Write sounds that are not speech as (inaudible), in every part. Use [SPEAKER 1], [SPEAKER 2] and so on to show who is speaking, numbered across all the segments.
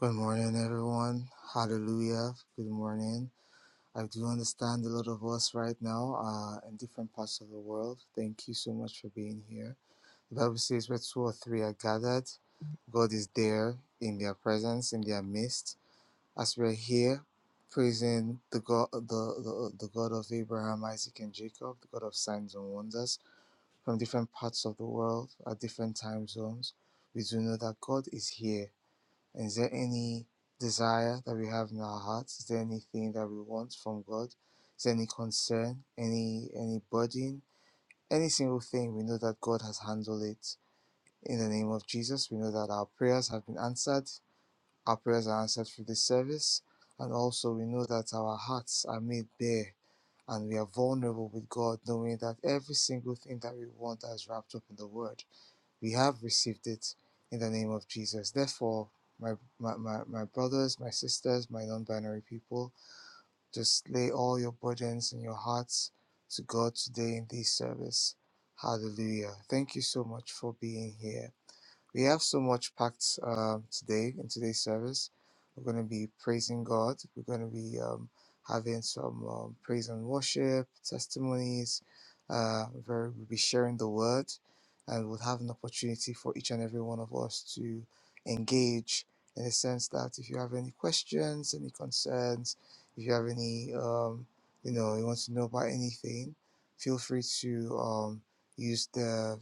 [SPEAKER 1] Good morning, everyone. Hallelujah. Good morning. I do understand a lot of us right now are in different parts of the world. Thank you so much for being here. The Bible says where two or three are gathered, God is there in their presence, in their midst. As we're here praising the God, the, the, the God of Abraham, Isaac, and Jacob, the God of signs and wonders from different parts of the world at different time zones, we do know that God is here Is there any desire that we have in our hearts? Is there anything that we want from God? Is there any concern, any any burden, any single thing? We know that God has handled it in the name of Jesus. We know that our prayers have been answered. Our prayers are answered through this service, and also we know that our hearts are made bare and we are vulnerable with God, knowing that every single thing that we want is wrapped up in the Word we have received it in the name of Jesus. Therefore, my, my, my, my brothers, my sisters, my non binary people, just lay all your burdens and your hearts to God today in this service. Hallelujah. Thank you so much for being here. We have so much packed uh, today in today's service. We're going to be praising God. We're going to be um, having some um, praise and worship, testimonies. Uh, very, we'll be sharing the word, and we'll have an opportunity for each and every one of us to engage in the sense that if you have any questions, any concerns, if you have any, um, you know, you want to know about anything, feel free to um, use the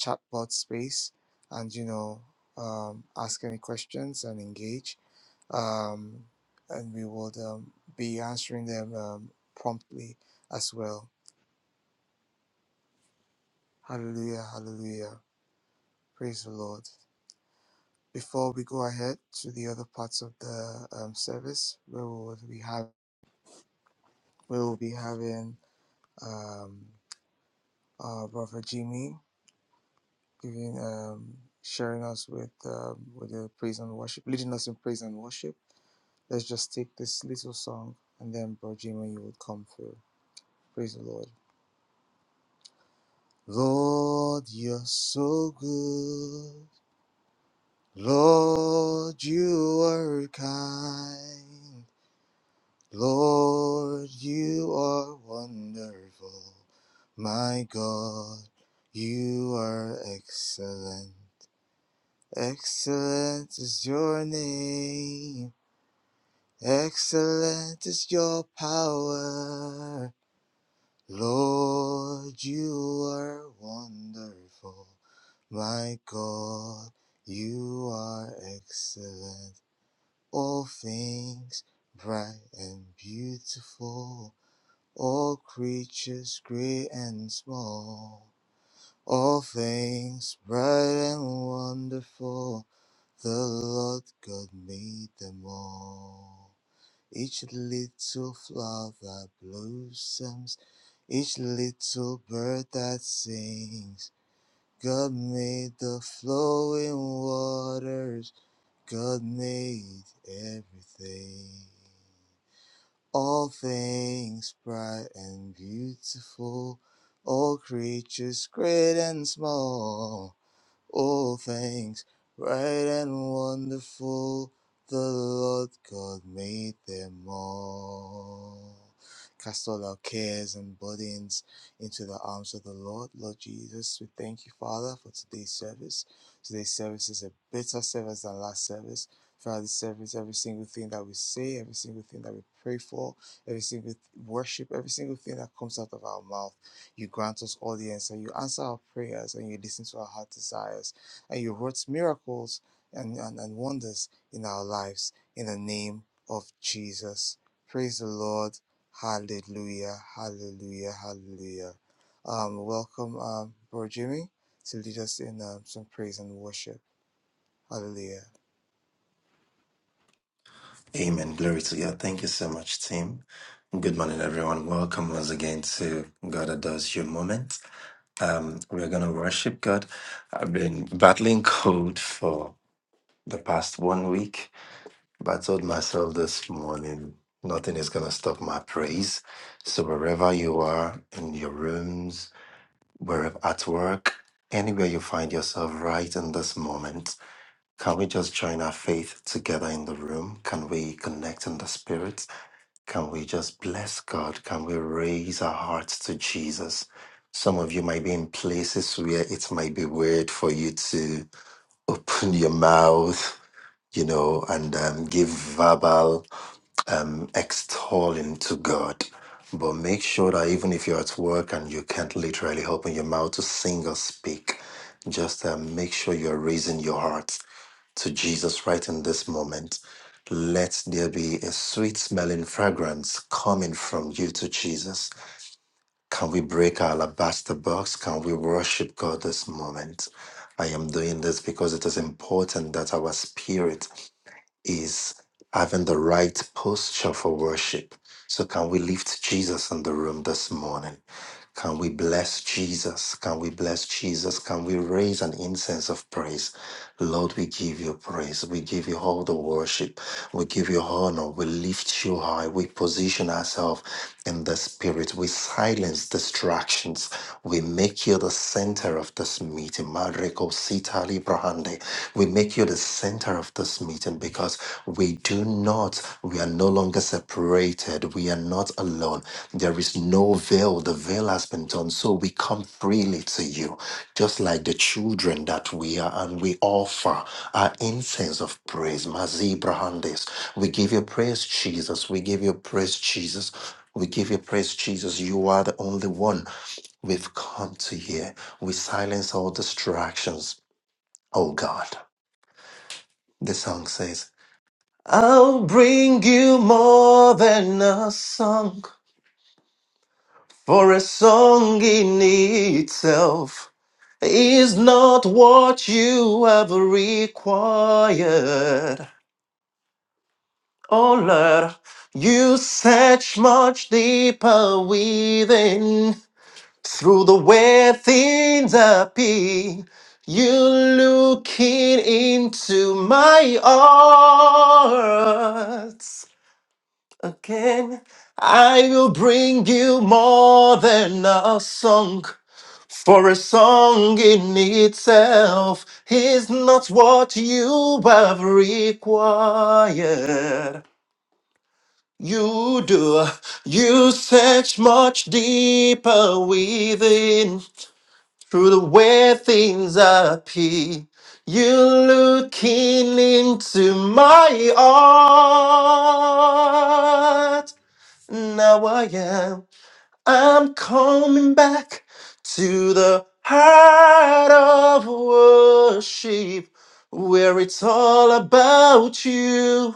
[SPEAKER 1] chatbot space and you know um, ask any questions and engage um, and we would um, be answering them um, promptly as well hallelujah hallelujah praise the lord before we go ahead to the other parts of the um, service we will be, have, we will be having um, uh, brother jimmy giving um, sharing us with um, with the praise and worship leading us in praise and worship Let's just take this little song and then Bro Jimmy, you would come through. Praise the Lord. Lord, you're so good. Lord, you are kind. Lord, you are wonderful. My God, you are excellent. Excellent is your name. Excellent is your power. Lord, you are wonderful. My God, you are excellent. All things bright and beautiful. All creatures great and small. All things bright and wonderful. The Lord God made them all. Each little flower that blossoms each little bird that sings, God made the flowing waters, God made everything. All things bright and beautiful, all creatures great and small all things right and wonderful the Lord God made them all. Cast all our cares and burdens into the arms of the Lord. Lord Jesus, we thank you, Father, for today's service. Today's service is a better service than last service. Throughout this service, every single thing that we say, every single thing that we pray for, every single th- worship, every single thing that comes out of our mouth. You grant us audience and you answer our prayers and you listen to our heart desires and you wrought miracles and, and, and wonders in our lives in the name of Jesus. Praise the Lord. Hallelujah. Hallelujah. Hallelujah. Um, welcome, um, Bro Jimmy, to lead us in um, some praise and worship. Hallelujah.
[SPEAKER 2] Amen. Glory to God. Thank you so much, team. Good morning, everyone. Welcome once again to God Adores You moment. Um, we're going to worship God. I've been battling cold for the past one week, but I told myself this morning nothing is going to stop my praise. So, wherever you are in your rooms, wherever at work, anywhere you find yourself right in this moment, can we just join our faith together in the room? Can we connect in the spirit? Can we just bless God? Can we raise our hearts to Jesus? Some of you might be in places where it might be weird for you to open your mouth, you know, and um, give verbal um, extolling to God. But make sure that even if you're at work and you can't literally open your mouth to sing or speak, just um, make sure you're raising your heart to Jesus right in this moment. Let there be a sweet smelling fragrance coming from you to Jesus. Can we break our alabaster box? Can we worship God this moment? I am doing this because it is important that our spirit is having the right posture for worship. So, can we lift Jesus in the room this morning? Can we bless Jesus? Can we bless Jesus? Can we raise an incense of praise? Lord, we give you praise. We give you all the worship. We give you honor. We lift you high. We position ourselves in the spirit. We silence distractions. We make you the center of this meeting. Mareko Sitali Brahande. We make you to the center of this meeting because we do not, we are no longer separated. We are not alone. There is no veil. The veil has been torn. So we come freely to you, just like the children that we are, and we offer our incense of praise. Mazi Brahandes. We give you praise, Jesus. We give you praise, Jesus. We give you praise, Jesus. You are the only one we've come to hear. We silence all distractions, oh God. The song says, I'll bring you more than a song, for a song in itself is not what you have required. Oh Lord, you search much deeper within. Through the way things appear, you're looking into my heart. again. I will bring you more than a song, for a song in itself is not what you have required. You do, you search much deeper within through the way things appear. You're looking into my heart. Now I am. I'm coming back to the heart of worship where it's all about you.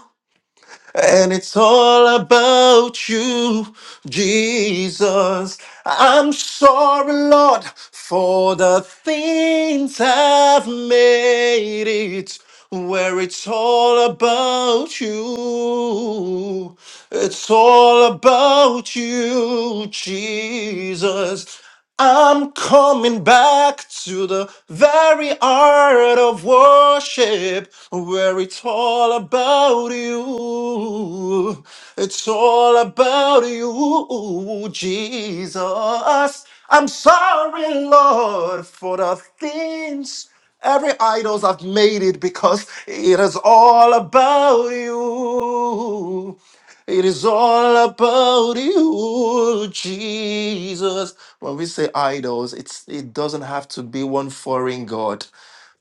[SPEAKER 2] And it's all about you, Jesus. I'm sorry, Lord, for the things I've made it where it's all about you. It's all about you, Jesus. I'm coming back to the very art of worship where it's all about you. It's all about you, Jesus. I'm sorry, Lord, for the things every idols I've made it because it is all about you. It is all about you, Jesus. When we say idols, it's it doesn't have to be one foreign god.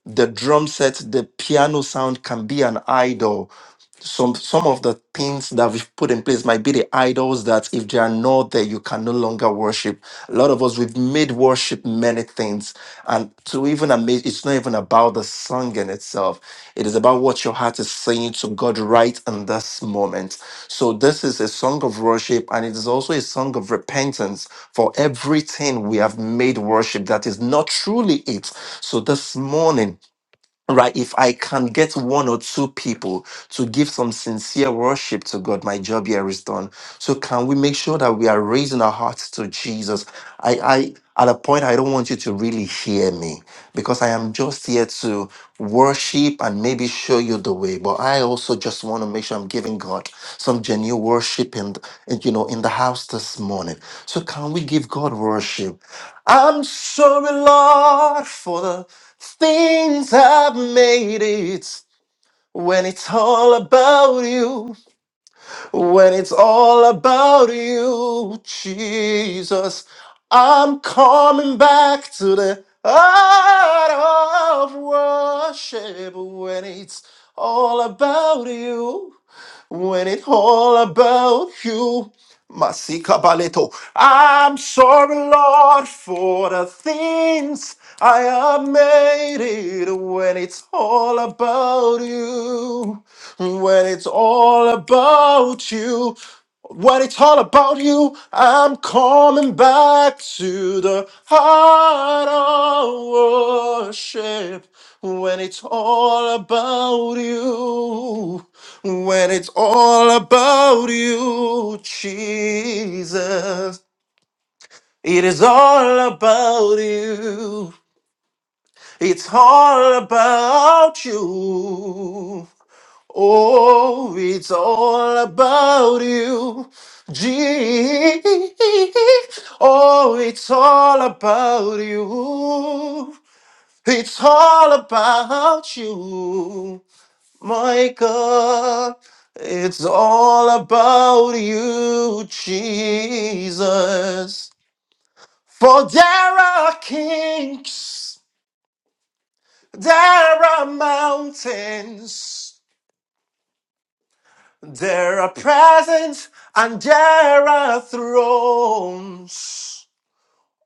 [SPEAKER 2] The drum set, the piano sound can be an idol some some of the things that we've put in place might be the idols that if they are not there you can no longer worship a lot of us we've made worship many things and to even amaze it's not even about the song in itself it is about what your heart is saying to god right in this moment so this is a song of worship and it is also a song of repentance for everything we have made worship that is not truly it so this morning right if i can get one or two people to give some sincere worship to god my job here is done so can we make sure that we are raising our hearts to jesus i i at a point i don't want you to really hear me because i am just here to worship and maybe show you the way but i also just want to make sure i'm giving god some genuine worship in, the- in you know in the house this morning so can we give god worship I'm sorry, Lord, for the things I've made it. When it's all about you, when it's all about you, Jesus, I'm coming back to the heart of worship. When it's all about you, when it's all about you. Masika Baleto. I'm sorry, Lord, for the things I have made it when it's all about you. When it's all about you. When it's all about you, I'm coming back to the heart of worship. When it's all about you, when it's all about you, Jesus, it is all about you. It's all about you. Oh, it's all about you. G. Oh, it's all about you. It's all about you, my God. It's all about you, Jesus. For there are kings. There are mountains, there are presents, and there are thrones.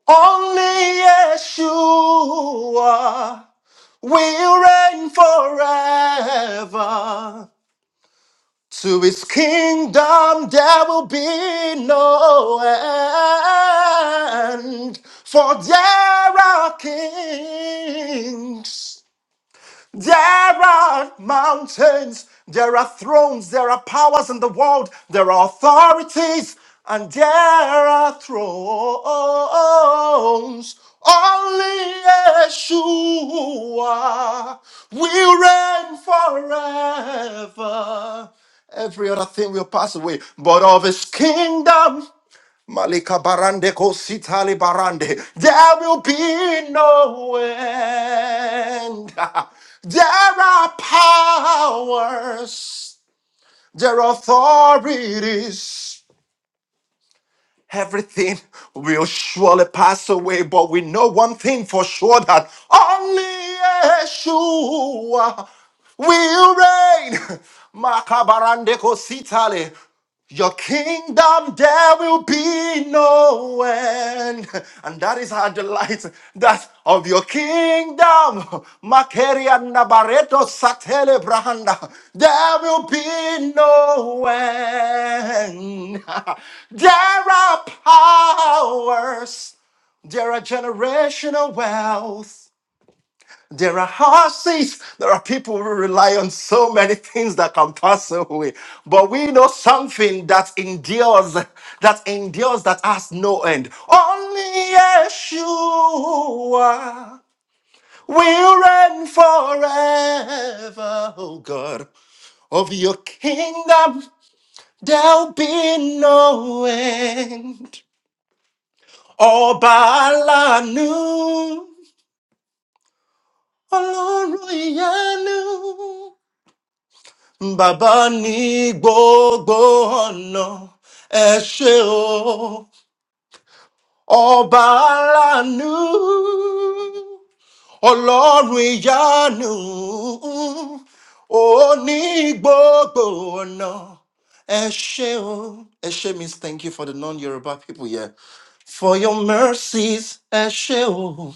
[SPEAKER 2] Only Yeshua will reign forever. To his kingdom there will be no end, for there are kings. There are mountains, there are thrones, there are powers in the world, there are authorities, and there are thrones. Only Yeshua will reign forever. Every other thing will pass away, but of his kingdom. Malika barande kositali barande. There will be no end. (laughs) There are powers. There are authorities. Everything will surely pass away, but we know one thing for sure that only Yeshua will reign. (laughs) Makabarande kositali. Your kingdom there will be no Emmanuel. And that is our delight, that of your kingdom. Makeria Nabareto Satele Brahanda. There will be no end. (laughs) There are powers. There are generational wealth. There are horses. There are people who rely on so many things that can pass away. But we know something that endures, that endures, that has no end. Only Yeshua will reign forever, oh God. Of your kingdom, there'll be no end. Oh, Balanu, Oloruyanu. Bàbá ní gbogbo ọ̀nà ẹ ṣe o, ọba aláàánú, ọlọ́run ìyanu, ó ní gbogbo ọ̀nà ẹ ṣe o. Ẹ ṣe means thank you for the non-Yoruba people here. For your mercies, ẹ ṣe o.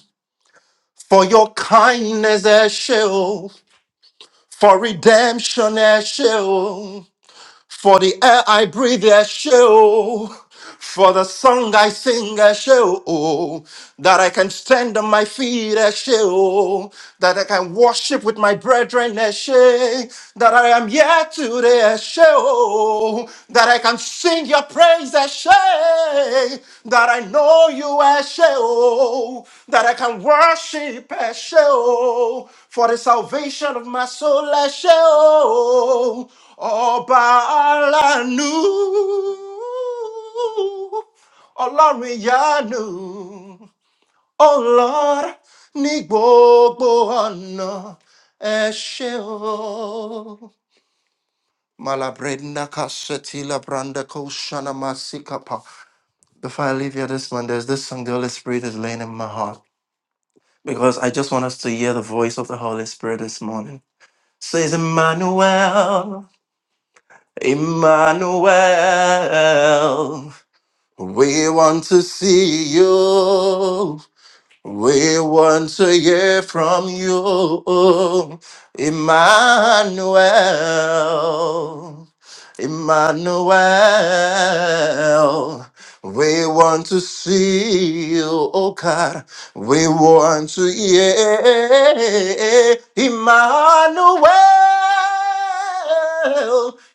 [SPEAKER 2] For your kindness, ẹ ṣe o. For redemption, ẹ ṣe o. For the air I breathe, I show. For the song I sing, I show. That I can stand on my feet, I show. That I can worship with my brethren, I show. That I am here today, I show. That I can sing your praise, I show. That I know you, I show. That I can worship, I show. For the salvation of my soul, I show ọba alánú ọlọ́run ìyanu o lord ní gbogbo ọ̀nà ẹ ṣe o. Malabredna kasetila branda koshana masikapa. Before I leave you this one, there's this song the Holy Spirit is laying in my heart because I just want us to hear the voice of the Holy Spirit this morning. Says Emmanuel. Emmanuel, we want to see you. We want to hear from you, Emmanuel. Emmanuel. We want to see you, oh God. We want to hear Emmanuel.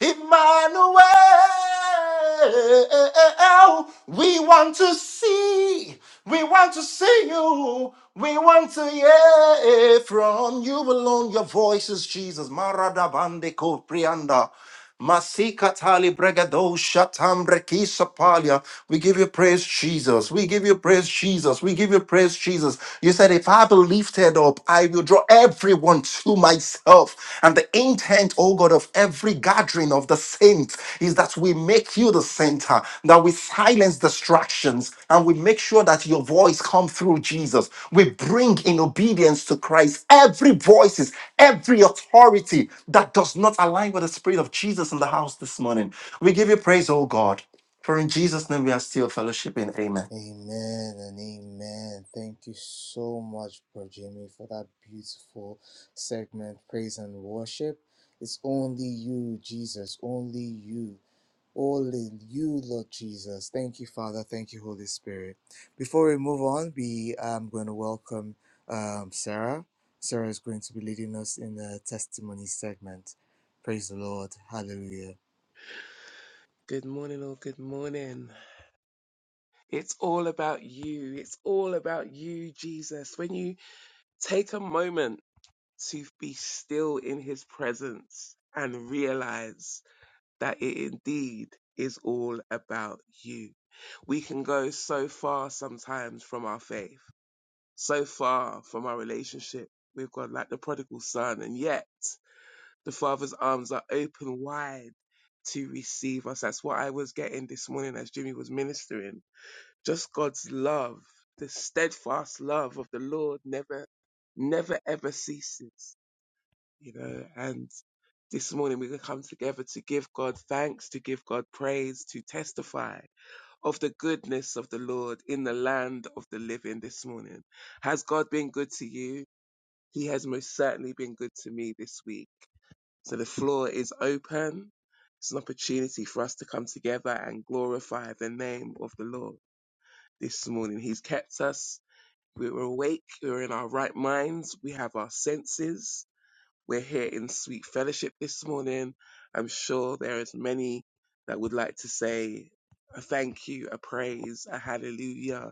[SPEAKER 2] Emmanuel well. We want to see, we want to see you, we want to hear from you alone. Your voice is Jesus. Marada bande ko prianda. Masika tali bregado shatam brekisa palia. We give you praise, Jesus. We give you praise, Jesus. We give you praise, Jesus. You said, If I be lifted up, I will draw everyone unto myself. And the intent, oh God, of every gathering of the saints is that we make you the center, that we silence distractions, and we make sure that your voice comes through Jesus. We bring in obedience to Christ every voices, every authority that does not align with the spirit of Jesus in the house this morning. We give you praise, oh God. For in Jesus' name we are still fellowshipping. Amen.
[SPEAKER 1] Amen and amen. Thank you so much, Brother Jimmy, for that beautiful segment, praise and worship. It's only you, Jesus, only you. Only you, Lord Jesus. Thank you, Father. Thank you, Holy Spirit. Before we move on, we I'm going to welcome um, Sarah. Sarah is going to be leading us in the testimony segment. Praise the Lord. Hallelujah.
[SPEAKER 3] Good morning, all. Good morning. It's all about you. It's all about you, Jesus. When you take a moment to be still in his presence and realize that it indeed is all about you. We can go so far sometimes from our faith, so far from our relationship with God, like the prodigal son, and yet the Father's arms are open wide to receive us. That's what I was getting this morning as Jimmy was ministering Just God's love, the steadfast love of the Lord never, never ever ceases, you know, and this morning we can come together to give God thanks, to give God praise, to testify of the goodness of the Lord in the land of the living this morning. Has God been good to you? He has most certainly been good to me this week. So the floor is open. It's an opportunity for us to come together and glorify the name of the Lord this morning. He's kept us. We were awake. We were in our right minds. We have our senses. We're here in sweet fellowship this morning. I'm sure there is many that would like to say a thank you, a praise, a hallelujah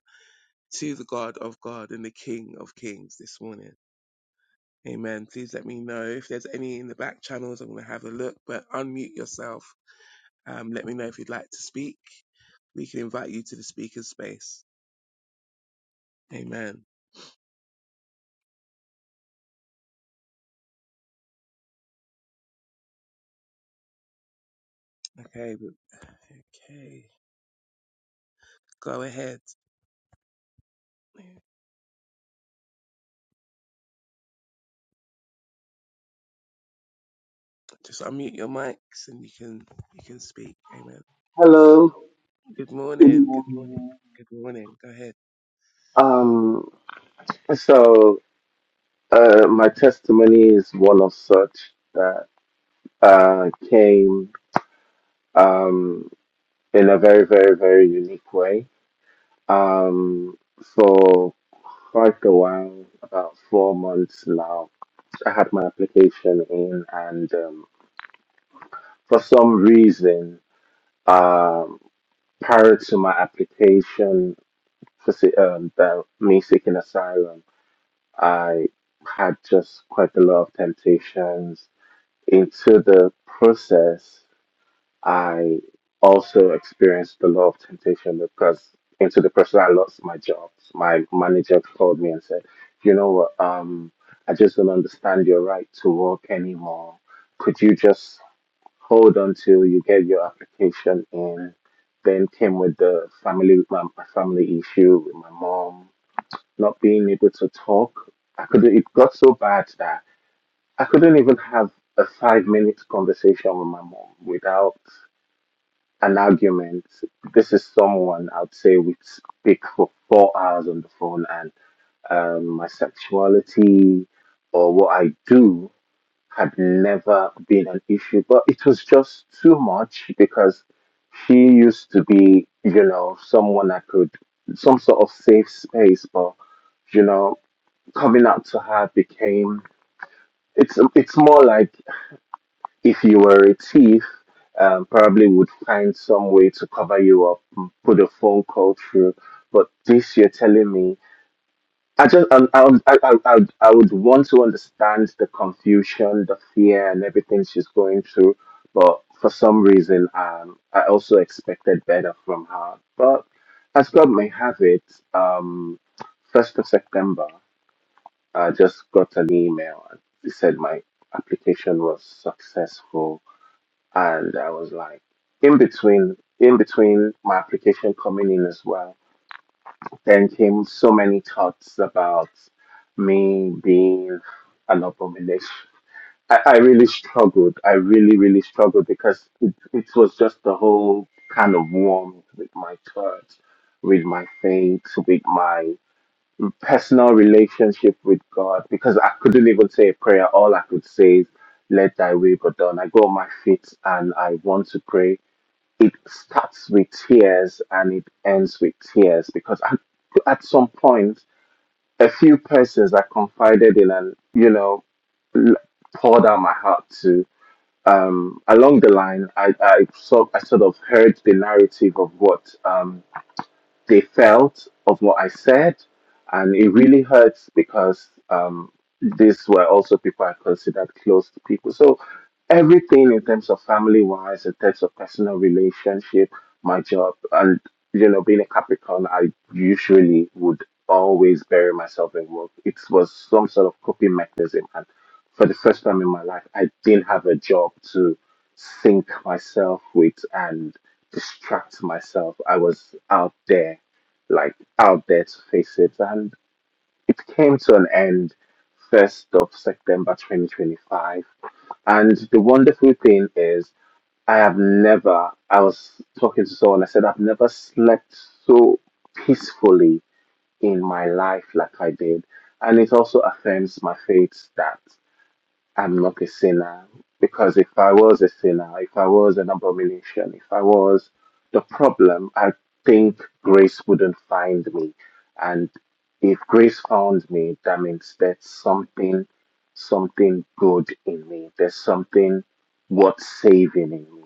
[SPEAKER 3] to the God of God and the King of Kings this morning. Amen. Please let me know if there's any in the back channels. I'm going to have a look, but unmute yourself. Um, let me know if you'd like to speak. We can invite you to the speaker's space. Amen. Okay, but okay. Go ahead. Just unmute your mics and you can you can speak. Amen.
[SPEAKER 4] Hello.
[SPEAKER 3] Good
[SPEAKER 4] Good
[SPEAKER 3] morning. Good morning.
[SPEAKER 4] morning.
[SPEAKER 3] Good morning. Go ahead.
[SPEAKER 4] Um, so uh, my testimony is one of such that uh, came um, in a very, very, very unique way. Um, for quite a while, about four months now, I had my application in, and um, for some reason, um, prior to my application, for, se- um, the, me seeking asylum. I had just quite a lot of temptations. Into the process, I also experienced a lot of temptation because into the process, I lost my job. My manager called me and said, "You know what? Um, I just don't understand your right to work anymore. Could you just hold until you get your application in?" Then came with the family, my my family issue with my mom not being able to talk. I could it got so bad that I couldn't even have a five minute conversation with my mom without an argument. This is someone I'd say we speak for four hours on the phone and um, my sexuality or what I do had never been an issue. But it was just too much because she used to be, you know, someone I could some sort of safe space, but you know coming out to her became it's it's more like if you were a thief um, probably would find some way to cover you up m- put a phone call through but this you're telling me i just i i would- i, I, I would I would want to understand the confusion the fear and everything she's going through but for some reason um i also expected better from her but as god may have it um first of september I just got an email and it said my application was successful and I was like in between in between my application coming in as well. Then came so many thoughts about me being an abomination. I, I really struggled. I really, really struggled because it, it was just the whole kind of warm with my church, with my faith, with my personal relationship with God because I couldn't even say a prayer. All I could say is, Let thy will be done. I go on my feet and I want to pray. It starts with tears and it ends with tears because I, at some point, a few persons I confided in and, you know, l- poured out my heart to. Um, along the line, I, I, sort I sort of heard the narrative of what um, they felt of what I said, and it really hurts because um, these were also people I considered close to people. So everything in terms of family wise, in terms of personal relationship, my job, and you know, being a Capricorn, I usually would always bury myself in work. It was some sort of coping mechanism, and for the first time in my life, I didn't have a job to sink myself with, and distract myself. I was out there, like out there to face it. And it came to an end 1st of September 2025. And the wonderful thing is, I have never, I was talking to someone, I said, I've never slept so peacefully in my life like I did. And it also affirms my faith that I'm not a sinner. Because if I was a sinner, if I was an abomination, if I was the problem, I think grace wouldn't find me. And if grace found me, that means there's something, something good in me. There's something worth saving in me.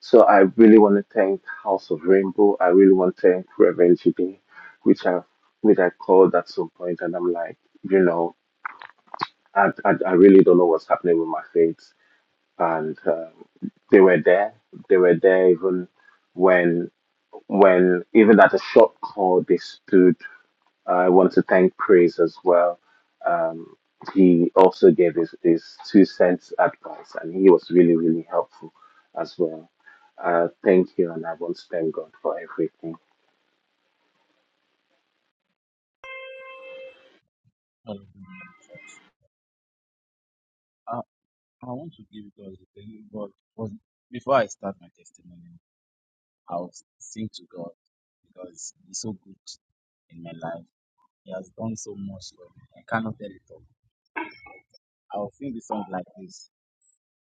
[SPEAKER 4] So I really want to thank House of Rainbow. I really want to thank Reverend GD, which I, which I called at some point, and I'm like, you know. I, I, I really don't know what's happening with my faith. And um, they were there. They were there even when, when even at a short call, they stood. Uh, I want to thank Praise as well. Um, he also gave his, his two cents advice, and he was really, really helpful as well. Uh, thank you, and I want to thank God for everything.
[SPEAKER 5] Hallelujah. I, I want to give God the glory, but was, before I start my testimony, I'll sing to God because He's so good in my life. He has done so much for me. I cannot tell it all. I'll sing the song like this.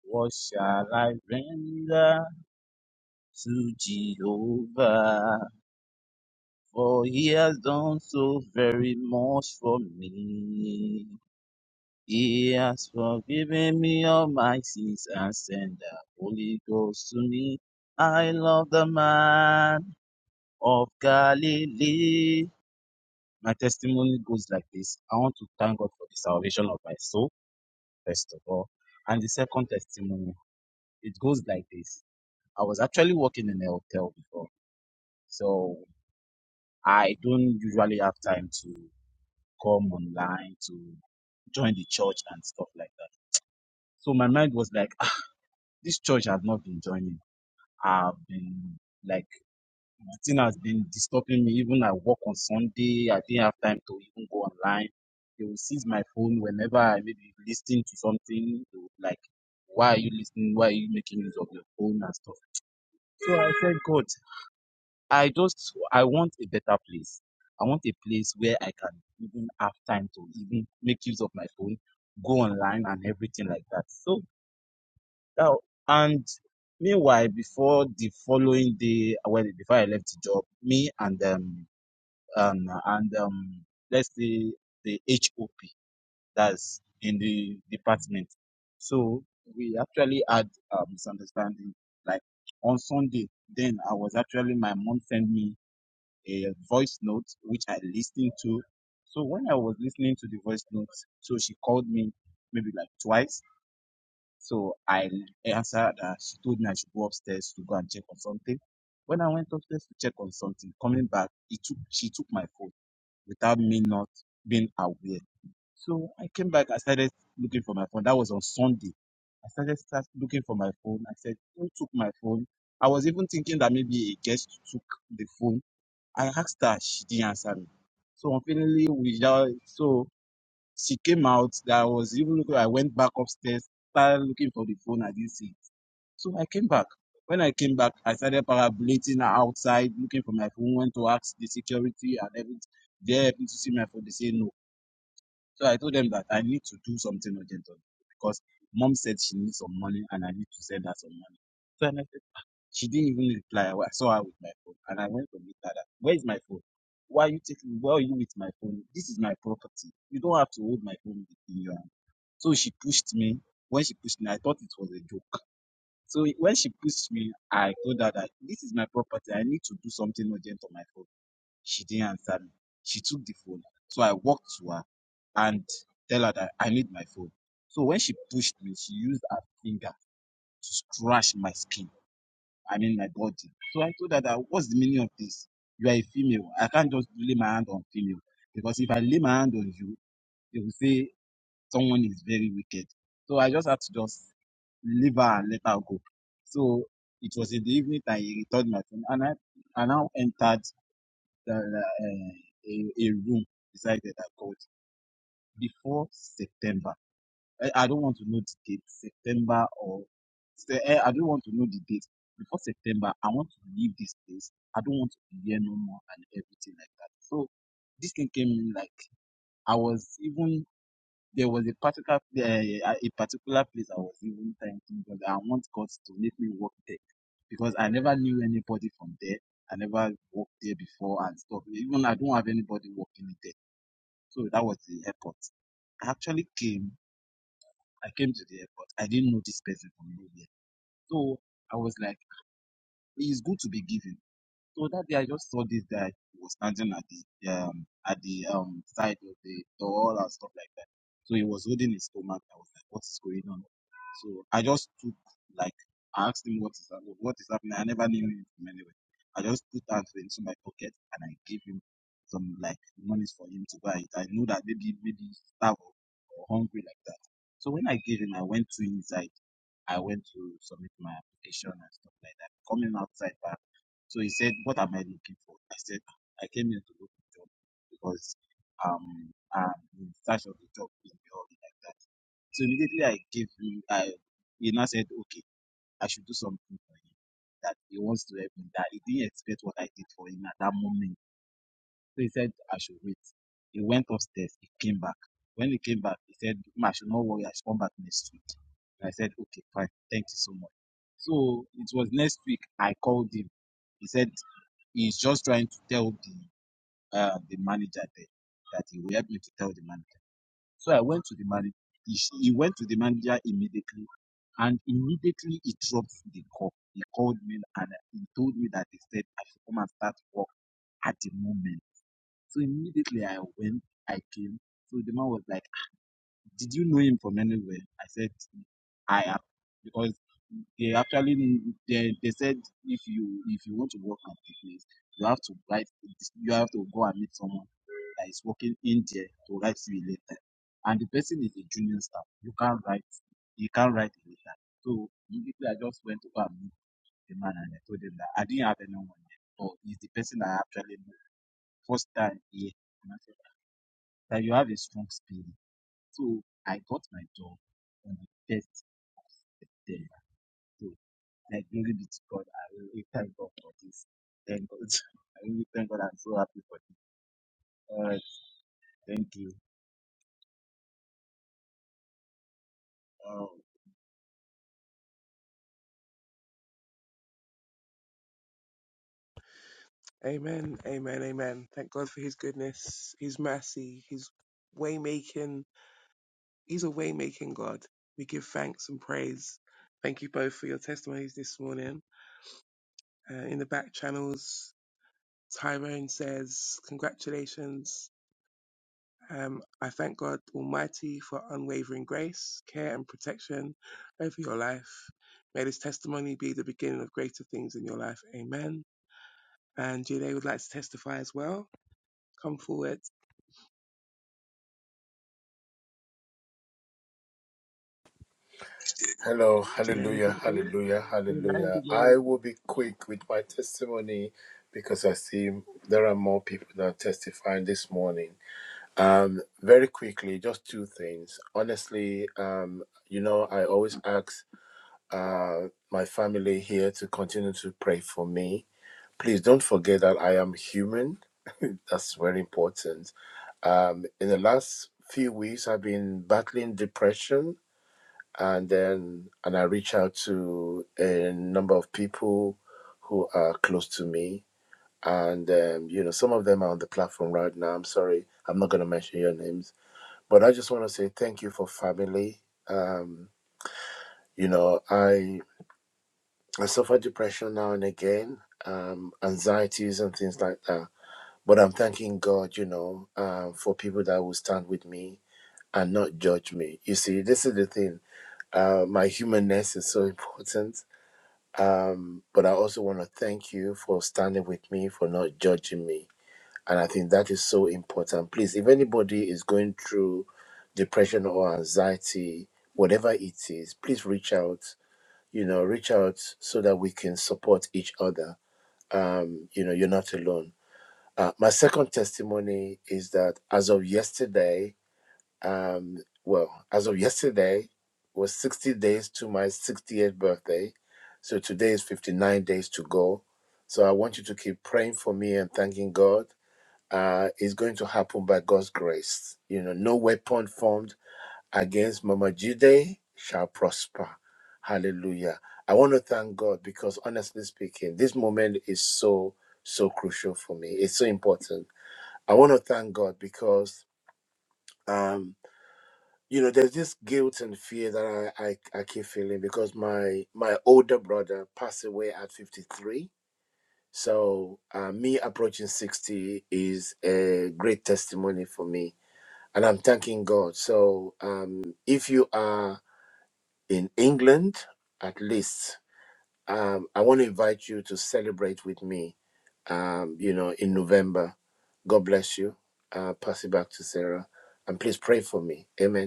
[SPEAKER 5] What shall I render to Jehovah? For he has done so very much for me. He has forgiven me all my sins and sent the Holy Ghost to me. I love the man of Galilee. My testimony goes like this. I want to thank God for the salvation of my soul, first of all. And the second testimony, it goes like this. I was actually working in a hotel before, so I don't usually have time to come online to join the church and stuff like that. So my mind was like, ah, this church has not been joining. I've been like nothing has been disturbing me. Even I work on Sunday, I didn't have time to even go online. They will seize my phone whenever I maybe listen to something. They would like, why are you listening? Why are you making use of your phone and stuff? So I said, God, I just I want a better place. I want a place where I can even have time to even make use of my phone, go online and everything like that. So now, and meanwhile, before the following day, well, before I left the job, me and um, um and um, let's say the HOP that's in the department. So we actually had a misunderstanding. Like on Sunday, then I was actually my mom sent me a voice note which I listened to. So when I was listening to the voice note, so she called me maybe like twice so I answered her. She told me I should go upstairs to go and check on something. When I went upstairs to check on something, coming back, it took she took my phone without me not being aware. So I came back, I started looking for my phone. That was on Sunday. I started start looking for my phone. I said, Who took my phone? I was even thinking that maybe a guest took the phone. I asked her, she didn't answer me. So unfortunately, without so she came out. That I was even looking. I went back upstairs, started looking for the phone. I didn't see. So I came back. When I came back, I started parabolating outside, looking for my phone, went to ask the security and everything. They happened to see my phone. They say no. So I told them that I need to do something urgent on it because mom said she needs some money and I need to send her some money. So and I said, "Ah." she didn't even reply. I wa- saw her with my phone and I went to meet her. that, Where is my phone? Why are you taking, why are you with my phone? This is my property. You don't have to hold my phone in your hand. So she pushed me. When she pushed me, I thought it was a joke. So when she pushed me, I told her that this is my property. I need to do something urgent on my phone. She didn't answer me. She took the phone. So I walked to her and tell her that I need my phone. So when she pushed me, she used her finger to scratch my skin. I mean my body. So I told her that what's the meaning of this? You are a female. I can't just lay my hand on female because if I lay my hand on you, they will say someone is very wicked. So I just had to just leave her and let her go. So it was in the evening that he returned my phone, and I, I now entered the, uh, a, a room beside the that court before September. I, I don't want to know the date, September or se- eh, I don't want to know the date before September. I want to leave this place. I don't want to be here no more and everything like that. So this thing came in like I was even there was a particular uh, a particular place I was even thanking God. I want God to make me work there because I never knew anybody from there. I never worked there before and stuff. Even I don't have anybody working there. So that was the airport. I actually came. I came to the airport. I didn't know this person from nowhere. So I was like, it's good to be given. So that day I just saw this guy who was standing at the um at the um side of the door and stuff like that. So he was holding his stomach. I was like, what is going on? So I just took like I asked him what is hap- what is happening. I never knew him from anywhere. I just put that into my pocket and I gave him some like monies for him to buy it. I knew that maybe maybe he's starved or or hungry like that. So when I gave him, I went to inside. I went to submit my application and stuff like that. Coming outside back. So he said, What am I looking for? I said, I came here to look for a job because um I'm in search of a job in the hall like that. So immediately I gave him I he now said, Okay, I should do something for him that he wants to help him that he didn't expect what I did for him at that moment. So he said, I should wait. He went upstairs. He came back. When he came back, he said, "Ma, I should not worry. I should come back next week. And I said, okay, fine. Thank you so much. So it was next week I called him. He said, he's just trying to tell the uh, the manager there that he will help me to tell the manager. So I went to the manager. He, he went to the manager immediately, and immediately he dropped the call. He called me and he told me that he said I should come and start work at the moment. So immediately I went, I came. So the man was like, Did you know him from anywhere? I said, I am. Because they actually they, they said if you if you want to work at the place, you have to write you have to go and meet someone that is working in there to write you a letter. And the person is a junior staff. You can't write you can't write a letter. So immediately I just went to go and meet the man and I told him that I didn't have anyone yet. But he's the person I actually know first time here. And I said, that you have a strong spirit. So I got my job on the first of September. So like glory be to God. I really thank God for this. Thank God. (laughs) I really thank God. I'm so happy for this. All right. Thank you. Um,
[SPEAKER 3] Amen. Amen. Amen. Thank God for His goodness, His mercy, His way making. He's a way making God. We give thanks and praise. Thank you both for your testimonies this morning. Uh, in the back channels, Tyrone says, "Congratulations. Um, I thank God Almighty for unwavering grace, care, and protection over your life. May this testimony be the beginning of greater things in your life. Amen. And Jide would like to testify as well. Come forward.
[SPEAKER 6] Hello,
[SPEAKER 3] Jide, on the
[SPEAKER 6] hallelujah,
[SPEAKER 3] platform.
[SPEAKER 6] hallelujah,
[SPEAKER 3] Amen.
[SPEAKER 6] hallelujah.
[SPEAKER 3] Good
[SPEAKER 6] I
[SPEAKER 3] morning.
[SPEAKER 6] will be quick with my testimony because I see there are more people that are testifying this morning. Um, very quickly, just two things. Honestly, um, you know, I always ask uh, my family here to continue to pray for me. Please don't forget that I am human. That's very important. Um, in the last few weeks, I've been battling depression and then and I reach out to a number of people who are close to me, and um, you know some of them are on the platform right now. I'm sorry, I'm not going to mention your names, but I just want to say thank you for family. Um, you know, I I suffer depression now and again, um, anxieties and things like that. But I'm thanking God, you know, um, for people that will stand with me and not judge me. You see, this is the thing. Uh, my humanness is so (laughs) important Um, but I also want to thank you for standing with me, for not judging me. And I think that is so important. Please, if anybody is going through depression or anxiety, whatever it is, please reach out. You know, reach out so that we can support each other. Um, you know, you're not alone. Uh, my second testimony is that as of yesterday, um, well, as of yesterday, was 60 days to my 68th birthday. So today is 59 days to go. So I want you to keep praying for me and thanking God. Uh, it's going to happen by God's grace. You know, no weapon formed against Mama Jide shall prosper. Hallelujah. I want to thank God because honestly speaking, this moment is so, so crucial for me. It's so important. I want to thank God because um you know there's this guilt and fear that I, I i keep feeling because my my older brother passed away at 53 so uh, me approaching 60 is a great testimony for me and i'm thanking god so um if you are in england at least um i want to invite you to celebrate with me um you know in november god bless you uh pass it back to sarah and please pray for me Amen.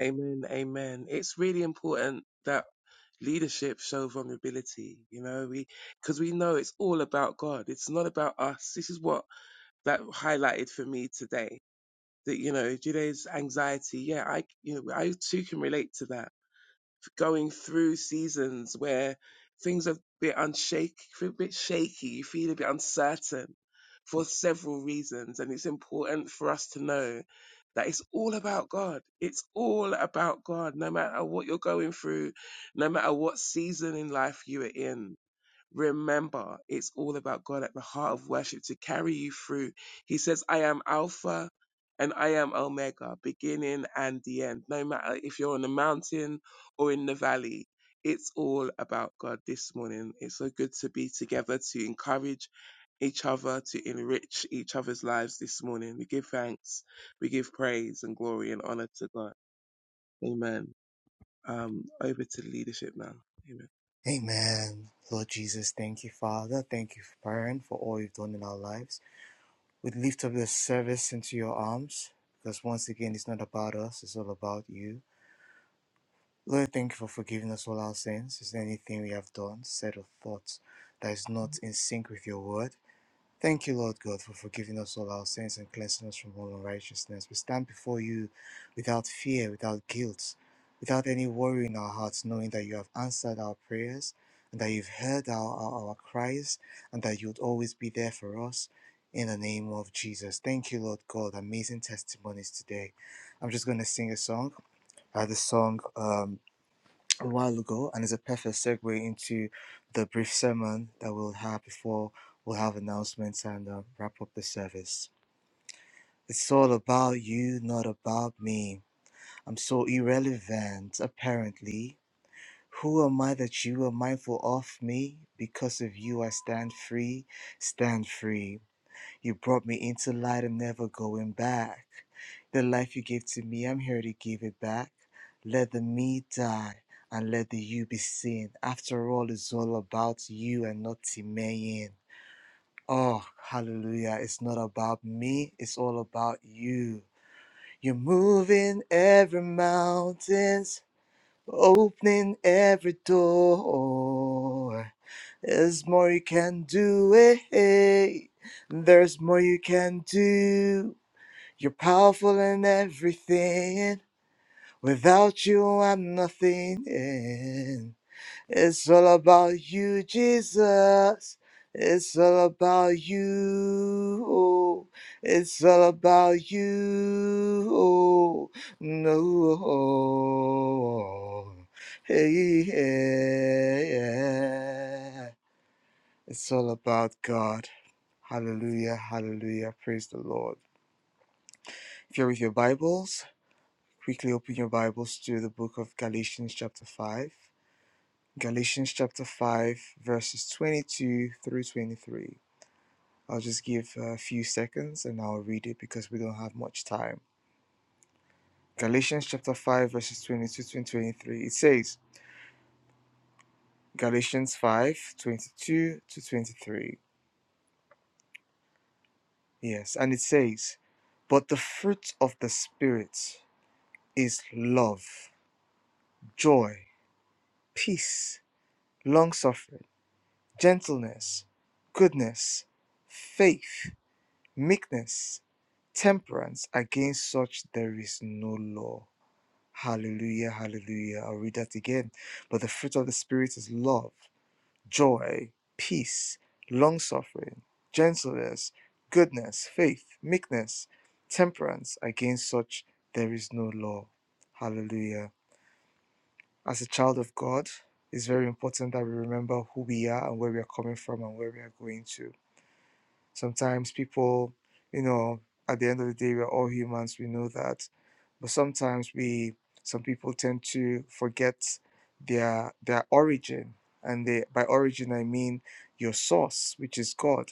[SPEAKER 3] Amen. Amen. It's really important that leadership show vulnerability. You know, we because we know it's all about God. It's not about us. This is what that highlighted for me today that you know Jude's anxiety. Yeah, I you know I too can relate to that. Going through seasons where things are a bit unshake, a bit shaky, you feel a bit uncertain for several reasons, and it's important for us to know that it's all about God. It's all about God. No matter what you're going through, no matter what season in life you are in, remember it's all about God at the heart of worship to carry you through. He says, I am Alpha and I am Omega, beginning and the end. No matter if you're on the mountain or in the valley, it's all about God this morning. It's so good to be together to encourage each other, to enrich each other's lives this morning. We give thanks, we give praise and glory and honor to God. Amen. Um, over to leadership now. Amen.
[SPEAKER 1] Amen. Lord Jesus, thank you, Father. Thank you, Parent, for all you've done in our lives. We lift up this service into your arms because once again, it's not about us, it's all about you. Lord, thank you for forgiving us all our sins. Is there anything we have done, said, or thought that is not in sync with your word? Thank you, Lord God, for forgiving us all our sins and cleansing us from all unrighteousness. We stand before you without fear, without guilt, without any worry in our hearts, knowing that you have answered our prayers and that you've heard our, our, our cries and that you'd always be there for us. In the name of Jesus. Thank you, Lord God. Amazing testimonies today. I'm just going to sing a song. Uh, the song um, a while ago, and it's a perfect segue into the brief sermon that we'll have before we'll have announcements and uh, wrap up the service. It's all about you, not about me. I'm so irrelevant, apparently. Who am I that you are mindful of me? Because of you, I stand free, stand free. You brought me into light. I'm never going back. The life you gave to me, I'm here to give it back. Let the me die and let the you be seen. After all, it's all about you and not Timayin. Oh, hallelujah. It's not about me, it's all about you. You're moving every mountains, opening every door. There's more you can do, eh? eh. There's more you can do. You're powerful in everything. Without you, I'm nothing. It's all about you, Jesus. It's all about you. oh. It's all about you. oh. No. Hey, yeah. yeah. It's all about God. Hallelujah, hallelujah. Praise the Lord. If you're with your Bibles, quickly open your Bibles to the book of Galatians, chapter 5. Galatians, chapter 5, verses 22 through 23. I'll just give a few seconds and I'll read it because we don't have much time. Galatians, chapter 5, verses 22 to 23. It says, Galatians 5, 22 to 23. Yes, and it says, But the fruit of the Spirit is love, joy, peace, long suffering, gentleness, goodness, faith, meekness, temperance. Against such there is no law. Hallelujah, hallelujah. I'll read that again. But the fruit of the Spirit is love, joy, peace, long suffering, gentleness, goodness, faith, meekness, temperance. Against such there is no law. Hallelujah. as a child of God, it's very important that we remember who we are and where we are coming from and where we are going to. Sometimes people, you know, at the end of the day, we're all humans, we know that. But sometimes we, some people tend to forget their their origin. And they, by origin, I mean your source, which is God.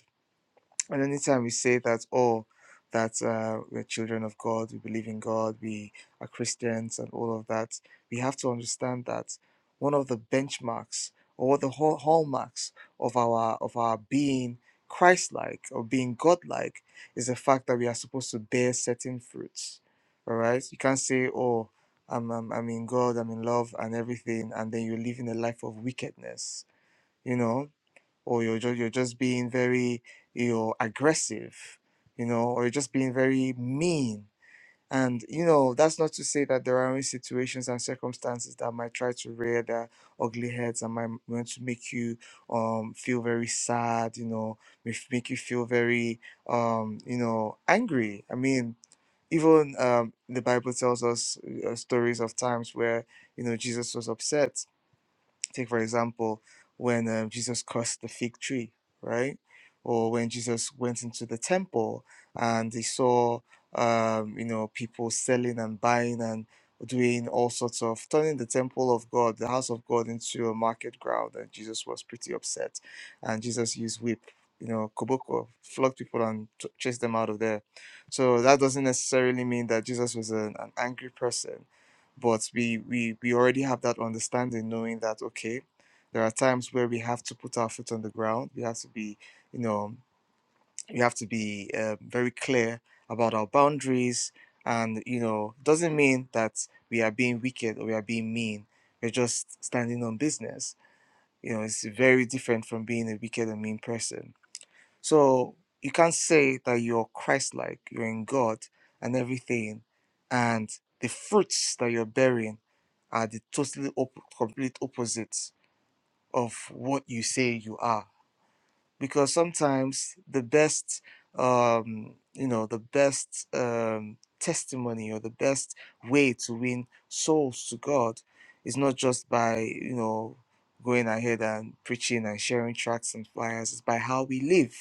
[SPEAKER 1] And anytime we say that, oh, that uh, we're children of God, we believe in God, we are Christians, and all of that, we have to understand that one of the benchmarks or the hall- hallmarks of our of our being Christ-like or being God-like is the fact that we are supposed to bear certain fruits. All right, you can't say, oh. I'm, I'm, I'm in God, I'm in love and everything, and then you're living a life of wickedness. You know, or you're just you're just being very you know aggressive you know or you're just being very mean and you know that's not to say that there are only situations and circumstances that might try to rear their ugly heads and might want to make you um feel very sad you know may f- make you feel very um you know angry i mean even um, the Bible tells us uh, stories of times where you know Jesus was upset Take, for example, when um, Jesus cursed the fig tree, right? Or when Jesus went into the temple and he saw, um, you know, people selling and buying and doing all sorts of turning the temple of God, the house of God, into a market ground. And Jesus was pretty upset. And Jesus used whip, you know, koboko, flog people and t- chase them out of there. So that doesn't necessarily mean that Jesus was an, an angry person but we we we already have that understanding knowing that okay there are times where we have to put our foot on the ground we have to be you know we have to be uh, very clear about our boundaries and you know doesn't mean that we are being wicked or we are being mean we're just standing on business you know it's very different from being a wicked and mean person so you can't say that you're Christ like, you're in God and everything, and the fruits that you're bearing are the totally op- complete opposites of what you say you are. Because sometimes the best, um, you know, the best um, testimony or the best way to win souls to God is not just by, you know, going ahead and preaching and sharing tracts and flyers, it's by how we live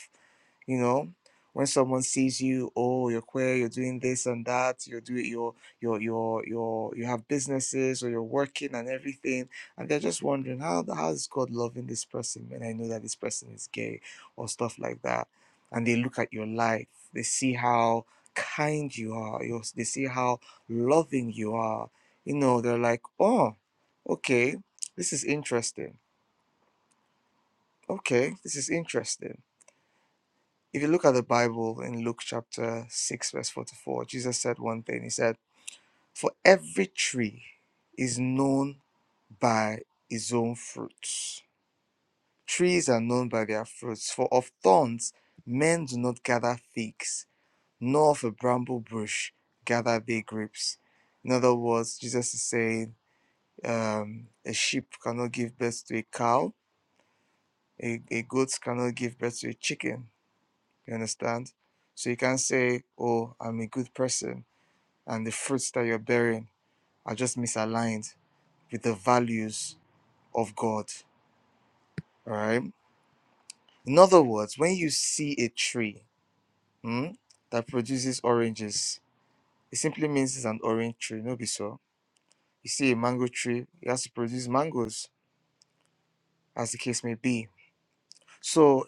[SPEAKER 1] you know when someone sees you oh you're queer you're doing this and that you're doing your your your your you have businesses or you're working and everything and they're just wondering how how is god loving this person when i know that this person is gay or stuff like that and they look at your life they see how kind you are you they see how loving you are you know they're like oh okay this is interesting okay this is interesting if you look at the Bible in Luke chapter 6, verse 44, Jesus said one thing. He said, For every tree is known by its own fruits. Trees are known by their fruits. For of thorns men do not gather figs, nor of a bramble bush gather they grapes. In other words, Jesus is saying um, a sheep cannot give birth to a cow, a, a goat cannot give birth to a chicken. You understand? So you can't say, oh, I'm a good person, and the fruits that you're bearing are just misaligned with the values of God. All right? In other words, when you see a tree hmm, that produces oranges, it simply means it's an orange tree, no be so. You see a mango tree, it has to produce mangoes, as the case may be. So,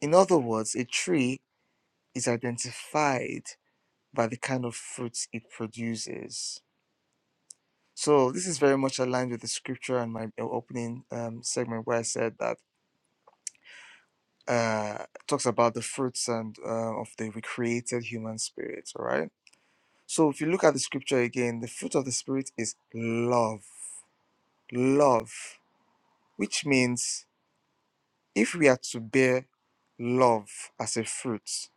[SPEAKER 1] in other words, a tree is identified by the kind of fruits it produces. So this is very much aligned with the scripture and my uh, opening um, segment where I said that uh, it talks about the fruits and uh, of the recreated human spirit. All right. So if you look at the scripture again, the fruit of the spirit is love, love, which means if we are to bear love as a fruit,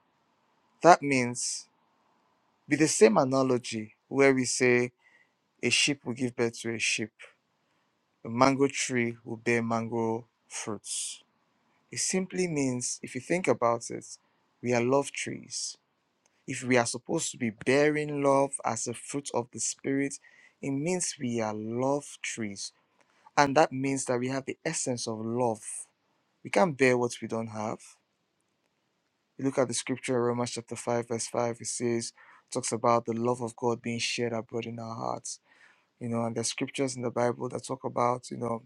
[SPEAKER 1] that means with the same analogy where we say a sheep will give birth to a sheep, a mango tree will bear mango fruits It simply means, if you think about it, we are love trees. If we are supposed to be bearing love as a fruit of the Spirit, it means we are love trees. And that means that we have the essence of love. We can't bear what we don't have. You look at the scripture, Romans chapter 5, verse 5, it says, talks about the love of God being shared abroad in our hearts. You know, and there's scriptures in the Bible that talk about, you know,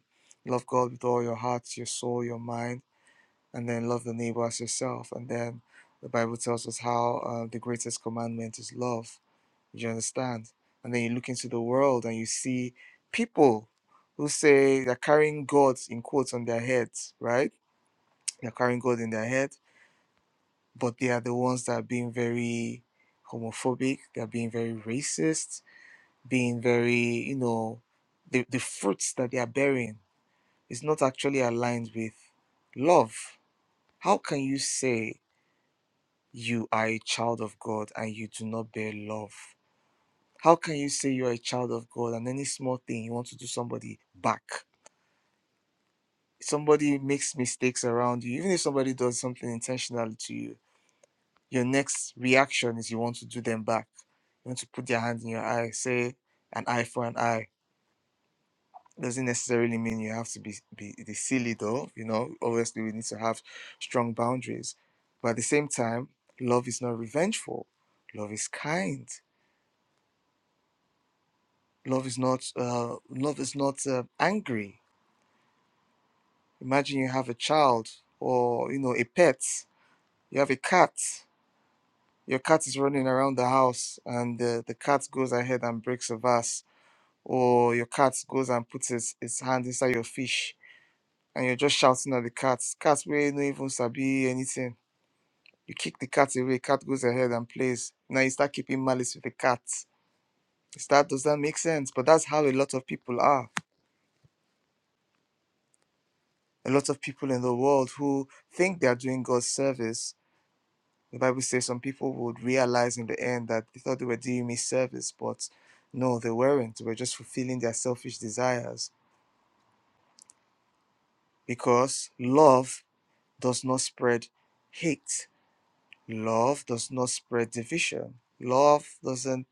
[SPEAKER 1] love God with all your heart, your soul, your mind and then love the neighbor as yourself. And then the Bible tells us how uh, the greatest commandment is love. You understand? And then you look into the world and you see people who say they're carrying gods in quotes on their heads, right? They're carrying God in their head, but they are the ones that are being very homophobic, they're being very racist, being very, you know, the, the fruits that they are bearing is not actually aligned with love. How can you say? you are a child of God and you do not bear love? How can you say you're a child of God and any small thing you want to do somebody back? Somebody makes mistakes around you, even if somebody does something intentionally to you, your next reaction is you want to do them back. You want to put their hand in your eye, say an eye for an eye. Doesn't necessarily mean you have to be, be the silly though, you know. Obviously, we need to have strong boundaries. But at the same time, love is not revengeful, love is kind love is not uh, love is not uh, angry imagine you have a child or you know a pet you have a cat your cat is running around the house and uh, the cat goes ahead and breaks a vase or your cat goes and puts its, its hand inside your fish and you're just shouting at the cat cat will no even sabi anything you kick the cat away cat goes ahead and plays now you start keeping malice with the cat Is that does that make sense but that's how a lot of people are a lot of people in the world who think they are doing God's service. The Bible says some people would realize in the end that they thought they were doing me service, but no, they weren't. They were just fulfilling their selfish desires because love does not spread hate, love does not spread division, love doesn't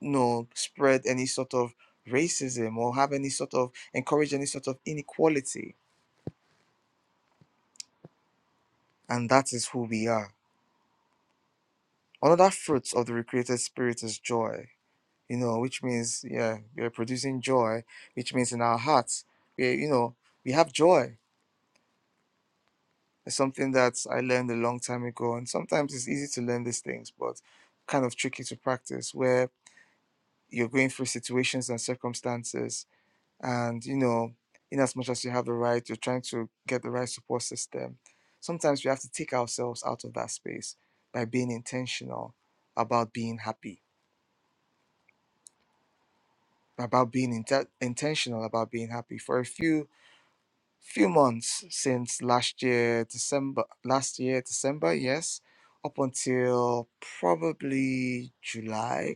[SPEAKER 1] you know, spread any sort of racism or have any sort of encourage any sort of inequality. And that is who we are. Another fruit of the recreated spirit is joy you know, which means, yeah, we are producing joy, which means in our hearts, we, you know, we have joy. It's something that I learned a long time ago. And sometimes it's easy to learn these things, but kind of tricky to practice where you're going through situations and circumstances. And, you know, in as much as you have the right, you're trying to get the right support system. Sometimes we have to take ourselves out of that space by being intentional about being happy, about being inte- intentional about being happy. For a few few months since last year December last year December yes up until probably July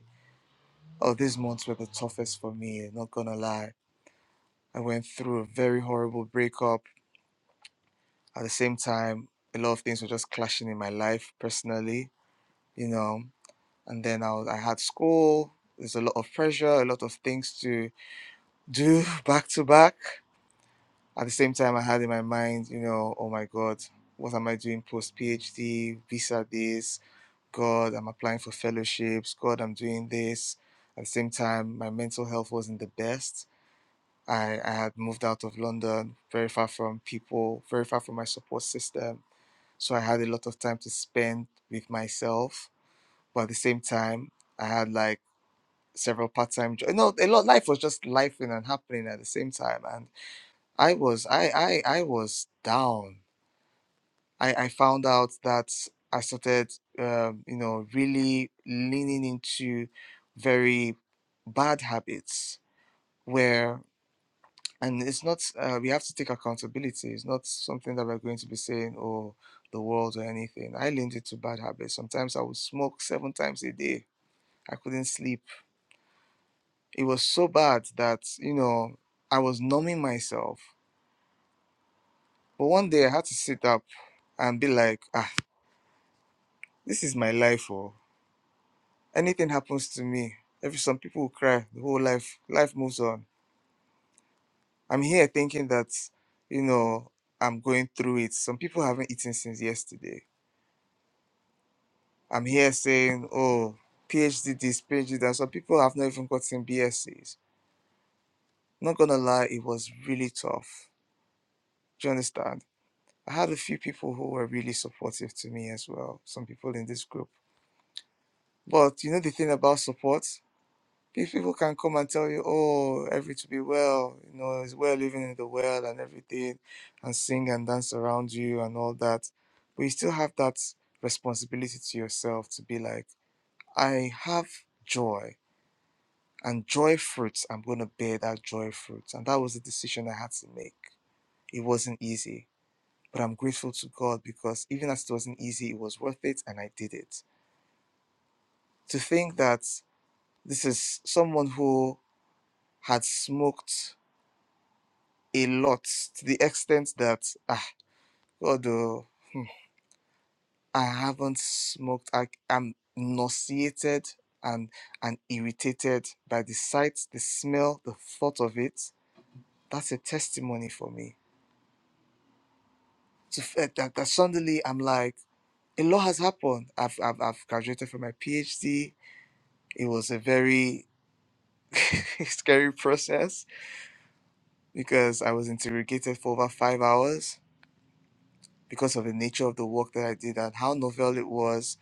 [SPEAKER 1] oh these months were the toughest for me not gonna lie I went through a very horrible breakup at the same time a lot of things were just clashing in my life personally you know and then I, was, I had school there's a lot of pressure a lot of things to do (laughs) back to back At the same time, I had in my mind, you know, oh my God, what am I doing post PhD, visa this? God, I'm applying for fellowships. God, I'm doing this. At the same time, my mental health wasn't the best. I, I had moved out of London, very far from people, very far from my support system. So I had a lot of time to spend with myself. But at the same time, I had like several part-time jobs. No, a lot. Life was just life and happening at the same time, and I was I I I was down. I, I found out that I started, um, you know, really leaning into very bad habits where, and it's not, uh, we have to take accountability. It's not something that we're going to be saying, oh, the world or anything. I leaned into bad habits. Sometimes I would smoke seven times a day. I couldn't sleep. It was so bad that, you know, I was numbing myself. But one day I had to sit up and be like, ah, this is my life. Oh. anything happens to me, every some people will cry the whole life. Life moves on. I'm here thinking that, you know, I'm going through it. Some people haven't eaten since yesterday. I'm here saying, oh, PhD this, PhD that. Some people have not even gotten BScs. Not gonna lie, it was really tough. Do you understand? I had a few people who were really supportive to me as well. Some people in this group. But you know the thing about support? If people can come and tell you, oh, every to be well, you know, it's well living in the world and everything, and sing and dance around you and all that, but you still have that responsibility to yourself to be like, I have joy and joy fruits, I'm going to bear that joy fruits, And that was the decision I had to make. It wasn't easy, but I'm grateful to God because even as it wasn't easy, it was worth it and I did it. To think that this is someone who had smoked a lot to the extent that ah God oh, hmm, I haven't smoked. I, I'm nauseated and and irritated by the sight, the smell, the thought of it. That's a testimony for me. To f- eh, that, that suddenly I'm like a lot has happened. I've I've, I've graduated from my PhD. It was a very (laughs) scary process because I was interrogated for over five hours because of the nature of the work that I did and how novel it was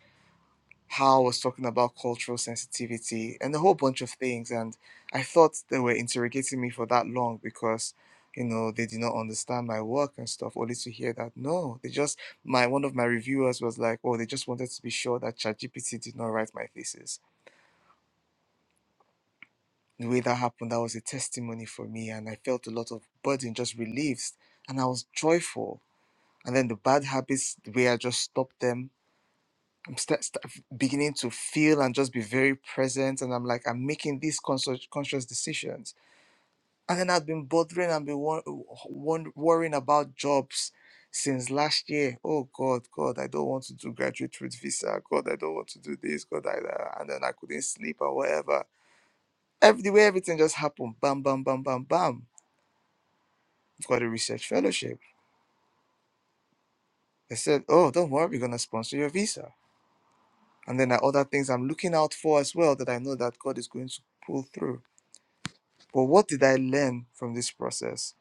[SPEAKER 1] how I was talking about cultural sensitivity and a whole bunch of things. And I thought they were interrogating me for that long because, you know, they did not understand my work and stuff, only to hear that no, they just my one of my reviewers was like, Oh, they just wanted to be sure that ChatGPT did not write my thesis. The way that happened, that was a testimony for me, and I felt a lot of burden just relieved, and I was joyful. And then the bad habits, the way I just stopped them I'm start, start beginning to feel and just be very present. And I'm like, I'm making these conscious, conscious decisions. And then I've been bothering and been wor- wor- worrying about jobs since last year. Oh God, God, I don't want to do graduate with visa. God, I don't want to do this. God, I, I- and then I couldn't sleep or whatever. Every the way everything just happened. Bam, bam, bam, bam, bam. I've got a research fellowship. They said, oh, don't worry, we're gonna sponsor your visa. And then there are other things I'm looking out for as well that I know that God is going to pull through. But what did I learn from this process?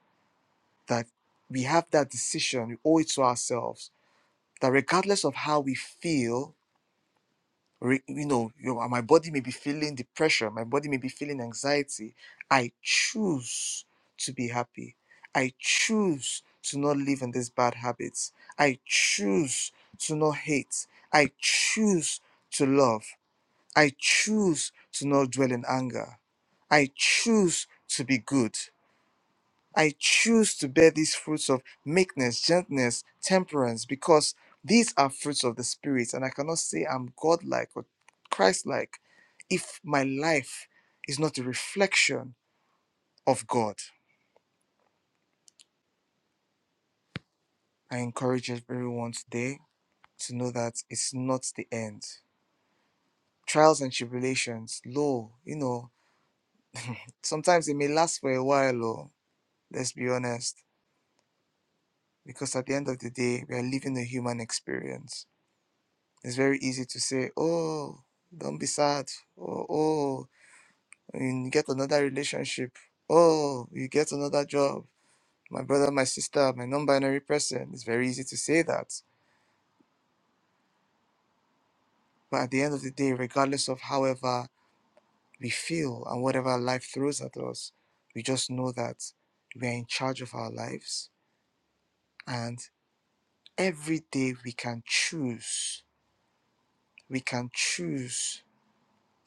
[SPEAKER 1] That we have that decision, we owe it to ourselves, that regardless of how we feel, re- you know, you know, my body may be feeling depression, my body may be feeling anxiety. I choose to be happy. I choose to not live in these bad habits. I choose to not hate. I choose to love. I choose to not dwell in anger. I choose to be good. I choose to bear these fruits of meekness, gentleness, temperance, because these are fruits of the Spirit, and I cannot say I'm godlike or Christ-like if my life is not a reflection of God. I encourage everyone today to know that it's not the end. Trials and tribulations, lo, you know, sometimes it may last for a while, or let's be honest, because at the end of the day, we are living a human experience It's very easy to say, oh, don't be sad. Or, oh, and you get another relationship. Oh, you get another job. My brother, my sister, my non binary person. It's very easy to say that. But at the end of the day, regardless of however we feel and whatever life throws at us, we just know that we are in charge of our lives. And every day we can choose. We can choose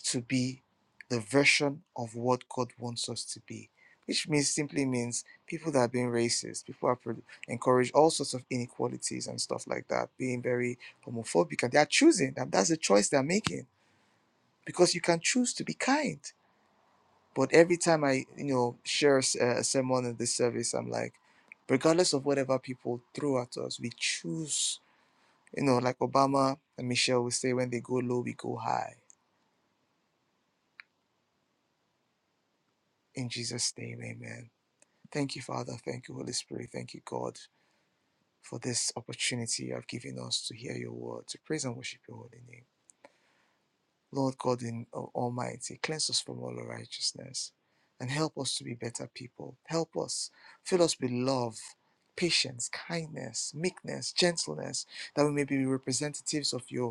[SPEAKER 1] to be the version of what God wants us to be, which means simply means people that are being racist, people are pro- encourage all sorts of inequalities and stuff like that, being very homophobic, and they are choosing, and that's the choice they're making because you can choose to be kind. But every time I, you know, share a, s- a sermon in this service, I'm like, regardless of whatever people throw at us, we choose, you know, like Obama and Michelle will say, when they go low, we go high. In Jesus' name, amen. Thank you, Father. Thank you, Holy Spirit. Thank you, God, for this opportunity you have given us to hear your word, to praise and worship your holy name. Lord God in Almighty, cleanse us from all unrighteousness and help us to be better people. Help us, fill us with love, patience, kindness, meekness, gentleness, that we may be representatives of you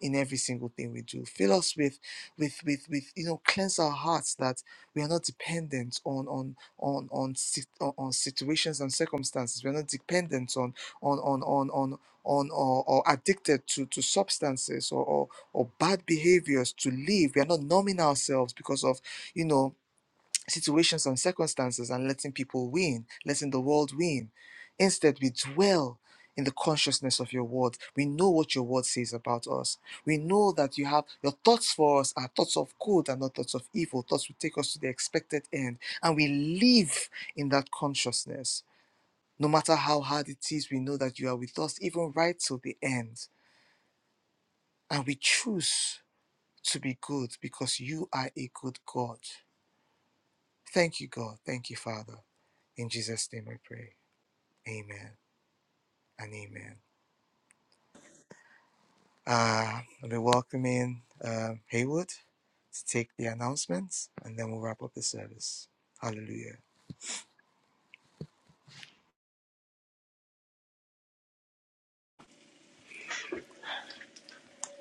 [SPEAKER 1] in every single thing we do. Fill us with with with with you know cleanse our hearts that we are not dependent on on on on sit- on on situations and circumstances. We are not dependent on on on on on on or, or addicted to to substances or, or or bad behaviors to live. We are not numbing ourselves because of you know situations and circumstances and letting people win, letting the world win. Instead, we dwell in the consciousness of your word. We know what your word says about us. We know that you have your thoughts for us are thoughts of good and not thoughts of evil. Thoughts will take us to the expected end. And we live in that consciousness. No matter how hard it is, we know that you are with us even right till the end. And we choose to be good because you are a good God. Thank you, God. Thank you, Father. In Jesus' name I pray. Amen and amen. Uh, I'll be welcoming uh, Haywood to take the announcements and then we'll wrap up the service. Hallelujah.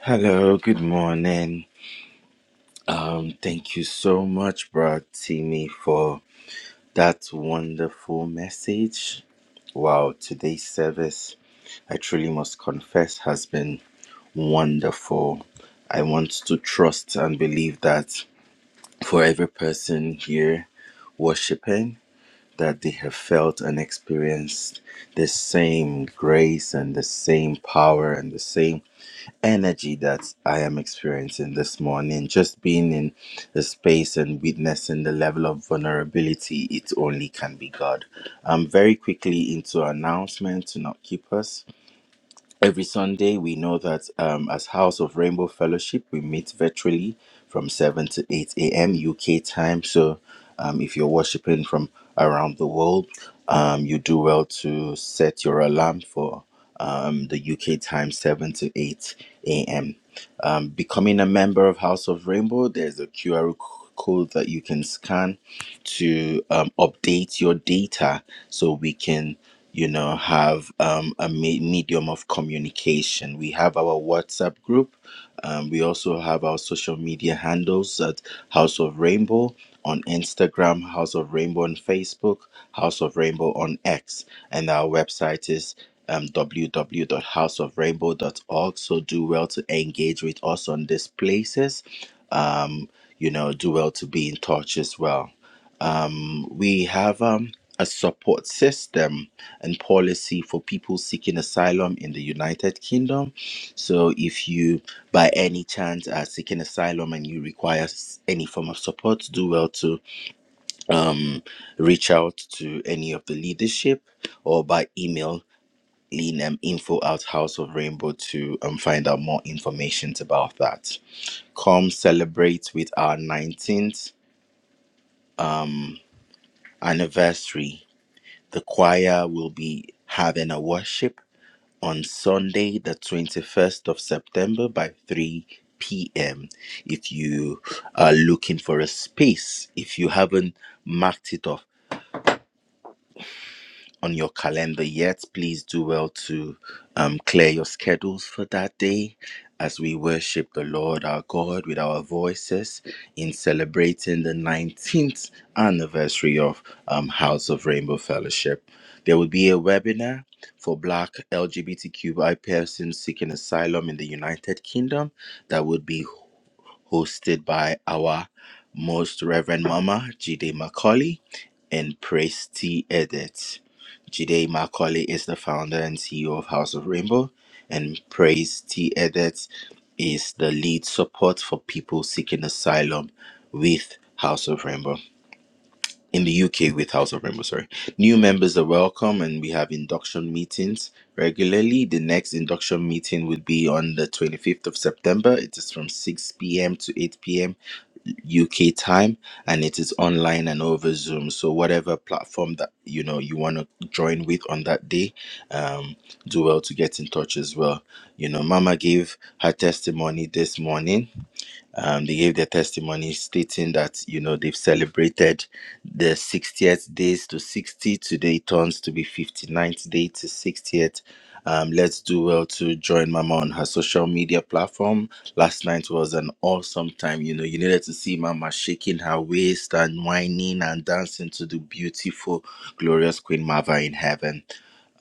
[SPEAKER 7] Hello, good morning. Um, thank you so much, Brad Timmy, for that wonderful message. Wow, today's service, I truly must confess, has been wonderful. I want to trust and believe that for every person here worshiping, that they have felt and experienced the same grace and the same power and the same energy that I am experiencing this morning. Just being in the space and witnessing the level of vulnerability, it only can be God. Um, very quickly into announcement to not keep us. Every Sunday, we know that um, as House of Rainbow Fellowship, we meet virtually from 7 to 8 a.m. UK time. So um, if you're worshiping from around the world, um, you do well to set your alarm for um, the UK time, 7 to 8 a.m. Um, becoming a member of House of Rainbow, there's a QR code that you can scan to um, update your data so we can you know have um, a me- medium of communication we have our whatsapp group um, we also have our social media handles at house of rainbow on instagram house of rainbow on facebook house of rainbow on x and our website is um, www.houseofrainbow.org so do well to engage with us on these places um, you know do well to be in touch as well um, we have um, a support system and policy for people seeking asylum in the United Kingdom. So, if you by any chance are seeking asylum and you require s- any form of support, do well to um, reach out to any of the leadership or by email in um, info at House of Rainbow to um, find out more information about that. Come celebrate with our 19th anniversary The choir will be having a worship on Sunday, the 21st of September by 3 p.m. If you are looking for a space, if you haven't marked it off, on your calendar yet, please do well to um, clear your schedules for that day as we worship the Lord our God with our voices in celebrating the 19th anniversary of um, House of Rainbow Fellowship. There will be a webinar for Black LGBTQI persons seeking asylum in the United Kingdom that would be hosted by our most Reverend Mama Jide Macaulay and Praise T. Edit. Jide Macaulay is the founder and CEO of House of Rainbow, and Praise T. Edit is the lead support for people seeking asylum with House of Rainbow in the UK with House of Rainbow, sorry. New members are welcome and we have induction meetings regularly. The next induction meeting would be on the 25th of September. It is from 6 p.m. to 8 p.m. UK time and it is online and over Zoom. So whatever platform that you know you want to join with on that day, um, do well to get in touch as well. You know, Mama gave her testimony this morning um, they gave their testimony stating that you know they've celebrated the 60th days to 60 today it turns to be 59th day to 60th um, let's do well to join mama on her social media platform last night was an awesome time you know you needed to see mama shaking her waist and whining and dancing to the beautiful glorious queen mava in heaven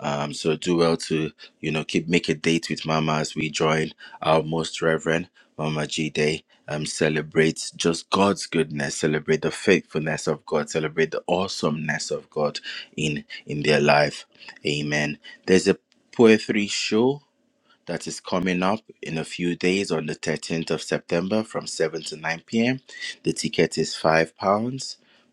[SPEAKER 7] um, so do well to you know keep make a date with Mama as we join our most reverend Mama G Day. Um, celebrate just God's goodness, celebrate the faithfulness of God, celebrate the awesomeness of God in in their life. Amen. There's a poetry show that is coming up in a few days on the 13th of September from 7 to 9 p.m. The ticket is £5.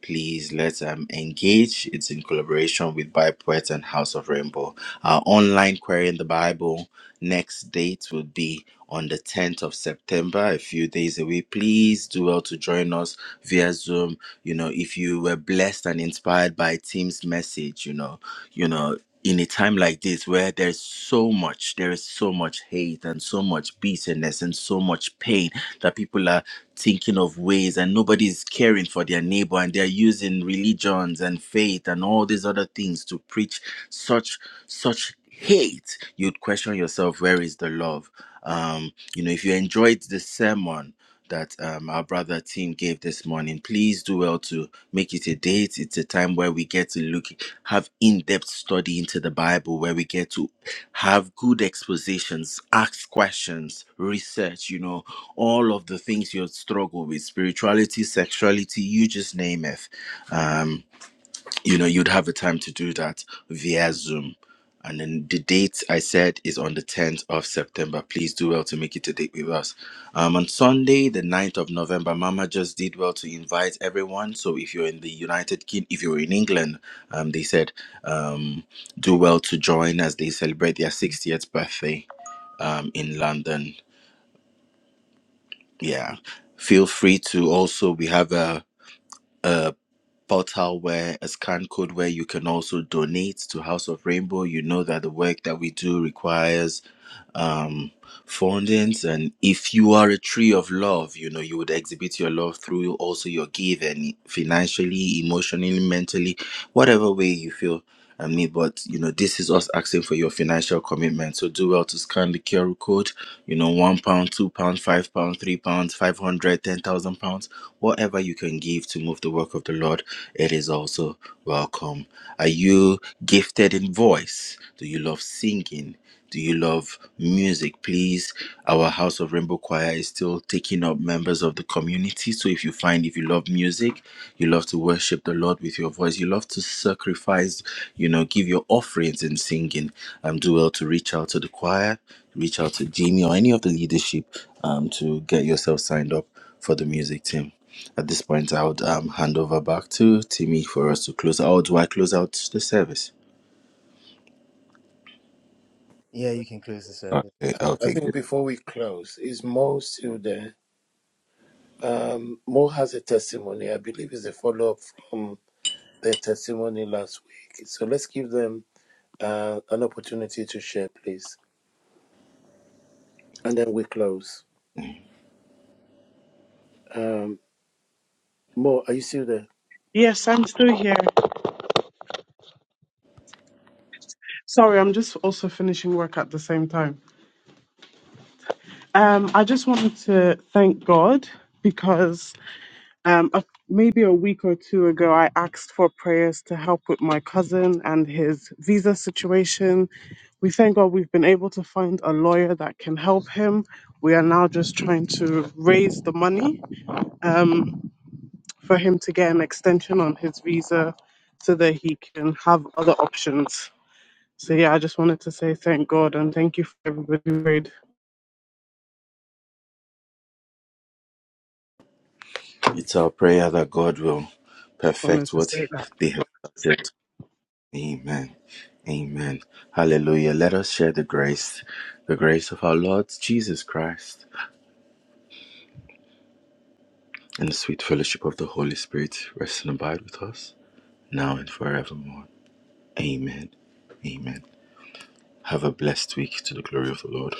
[SPEAKER 7] Please let's um, engage. It's in collaboration with Bible Poets and House of Rainbow. Our online query in the Bible next date will be on the 10th of September, a few days away. Please do well to join us via Zoom. You know, if you were blessed and inspired by Team's message, you know, you know in a time like this where there's so much there is so much hate and so much bitterness and so much pain that people are thinking of ways and nobody is caring for their neighbor and they're using religions and faith and all these other things to preach such such hate you'd question yourself where is the love um you know if you enjoyed the sermon that um, our brother team gave this morning. Please do well to make it a date. It's a time where we get to look, have in depth study into the Bible, where we get to have good expositions, ask questions, research, you know, all of the things you struggle with spirituality, sexuality, you just name it. Um, you know you'd have a time to do that via zoom and then the date i said is on the 10th of september please do well to make it a date with us um, on sunday the ninth of november mama just did well to invite everyone so if you're in the united kingdom if you're in england um, they said um, do well to join as they celebrate their 60th birthday um, in london yeah feel free to also we have a portal where a scan code where you can also donate to House of Rainbow. You know that the work that we do requires um foundings and if you are a tree of love you know you would exhibit your love through also your giving financially emotionally mentally whatever way you feel I mean, but you know, this is us asking for your financial commitment. So do well to scan the QR code. You know, one pound, two pound, five pound, three pounds, five hundred, ten thousand pounds, whatever you can give to move the work of the Lord. It is also welcome. Are you gifted in voice? Do you love singing? Do you love music? Please, our House of Rainbow Choir is still taking up members of the community. So if you find if you love music, you love to worship the Lord with your voice, you love to sacrifice, you know, give your offerings in singing, um, do well to reach out to the choir, reach out to Jimmy or any of the leadership um, to get yourself signed up for the music team. At this point, I would um, hand over back to Timmy for us to close out. Do I close out the service? Okay,
[SPEAKER 6] I
[SPEAKER 7] okay,
[SPEAKER 6] think before we close, is Mo still there? Um, Mo has a testimony. I believe it's a follow up from their testimony last week. So let's give them uh, an opportunity to share, please. And then we close. Um, Mo, are you still there?
[SPEAKER 8] Yes, I'm still here. Sorry, I'm just also finishing work at the same time. Um, I just wanted to thank God because um, a, maybe a week or two ago, I asked for prayers to help with my cousin and his visa situation. We thank God we've been able to find a lawyer that can help him. We are now just trying to raise the money um, for him to get an extension on his visa so that he can have other options. So yeah, I just wanted to say thank God and thank you for everybody who prayed.
[SPEAKER 7] It's our prayer that God will
[SPEAKER 8] Wanted
[SPEAKER 7] perfect
[SPEAKER 8] to
[SPEAKER 7] what
[SPEAKER 8] say that.
[SPEAKER 7] they have started. Amen. Amen. Hallelujah. Let us share the grace, the grace of our Lord Jesus Christ, and the sweet fellowship of the Holy Spirit rest and abide with us now and forevermore. Amen. Amen. Have a blessed week to the glory of the Lord.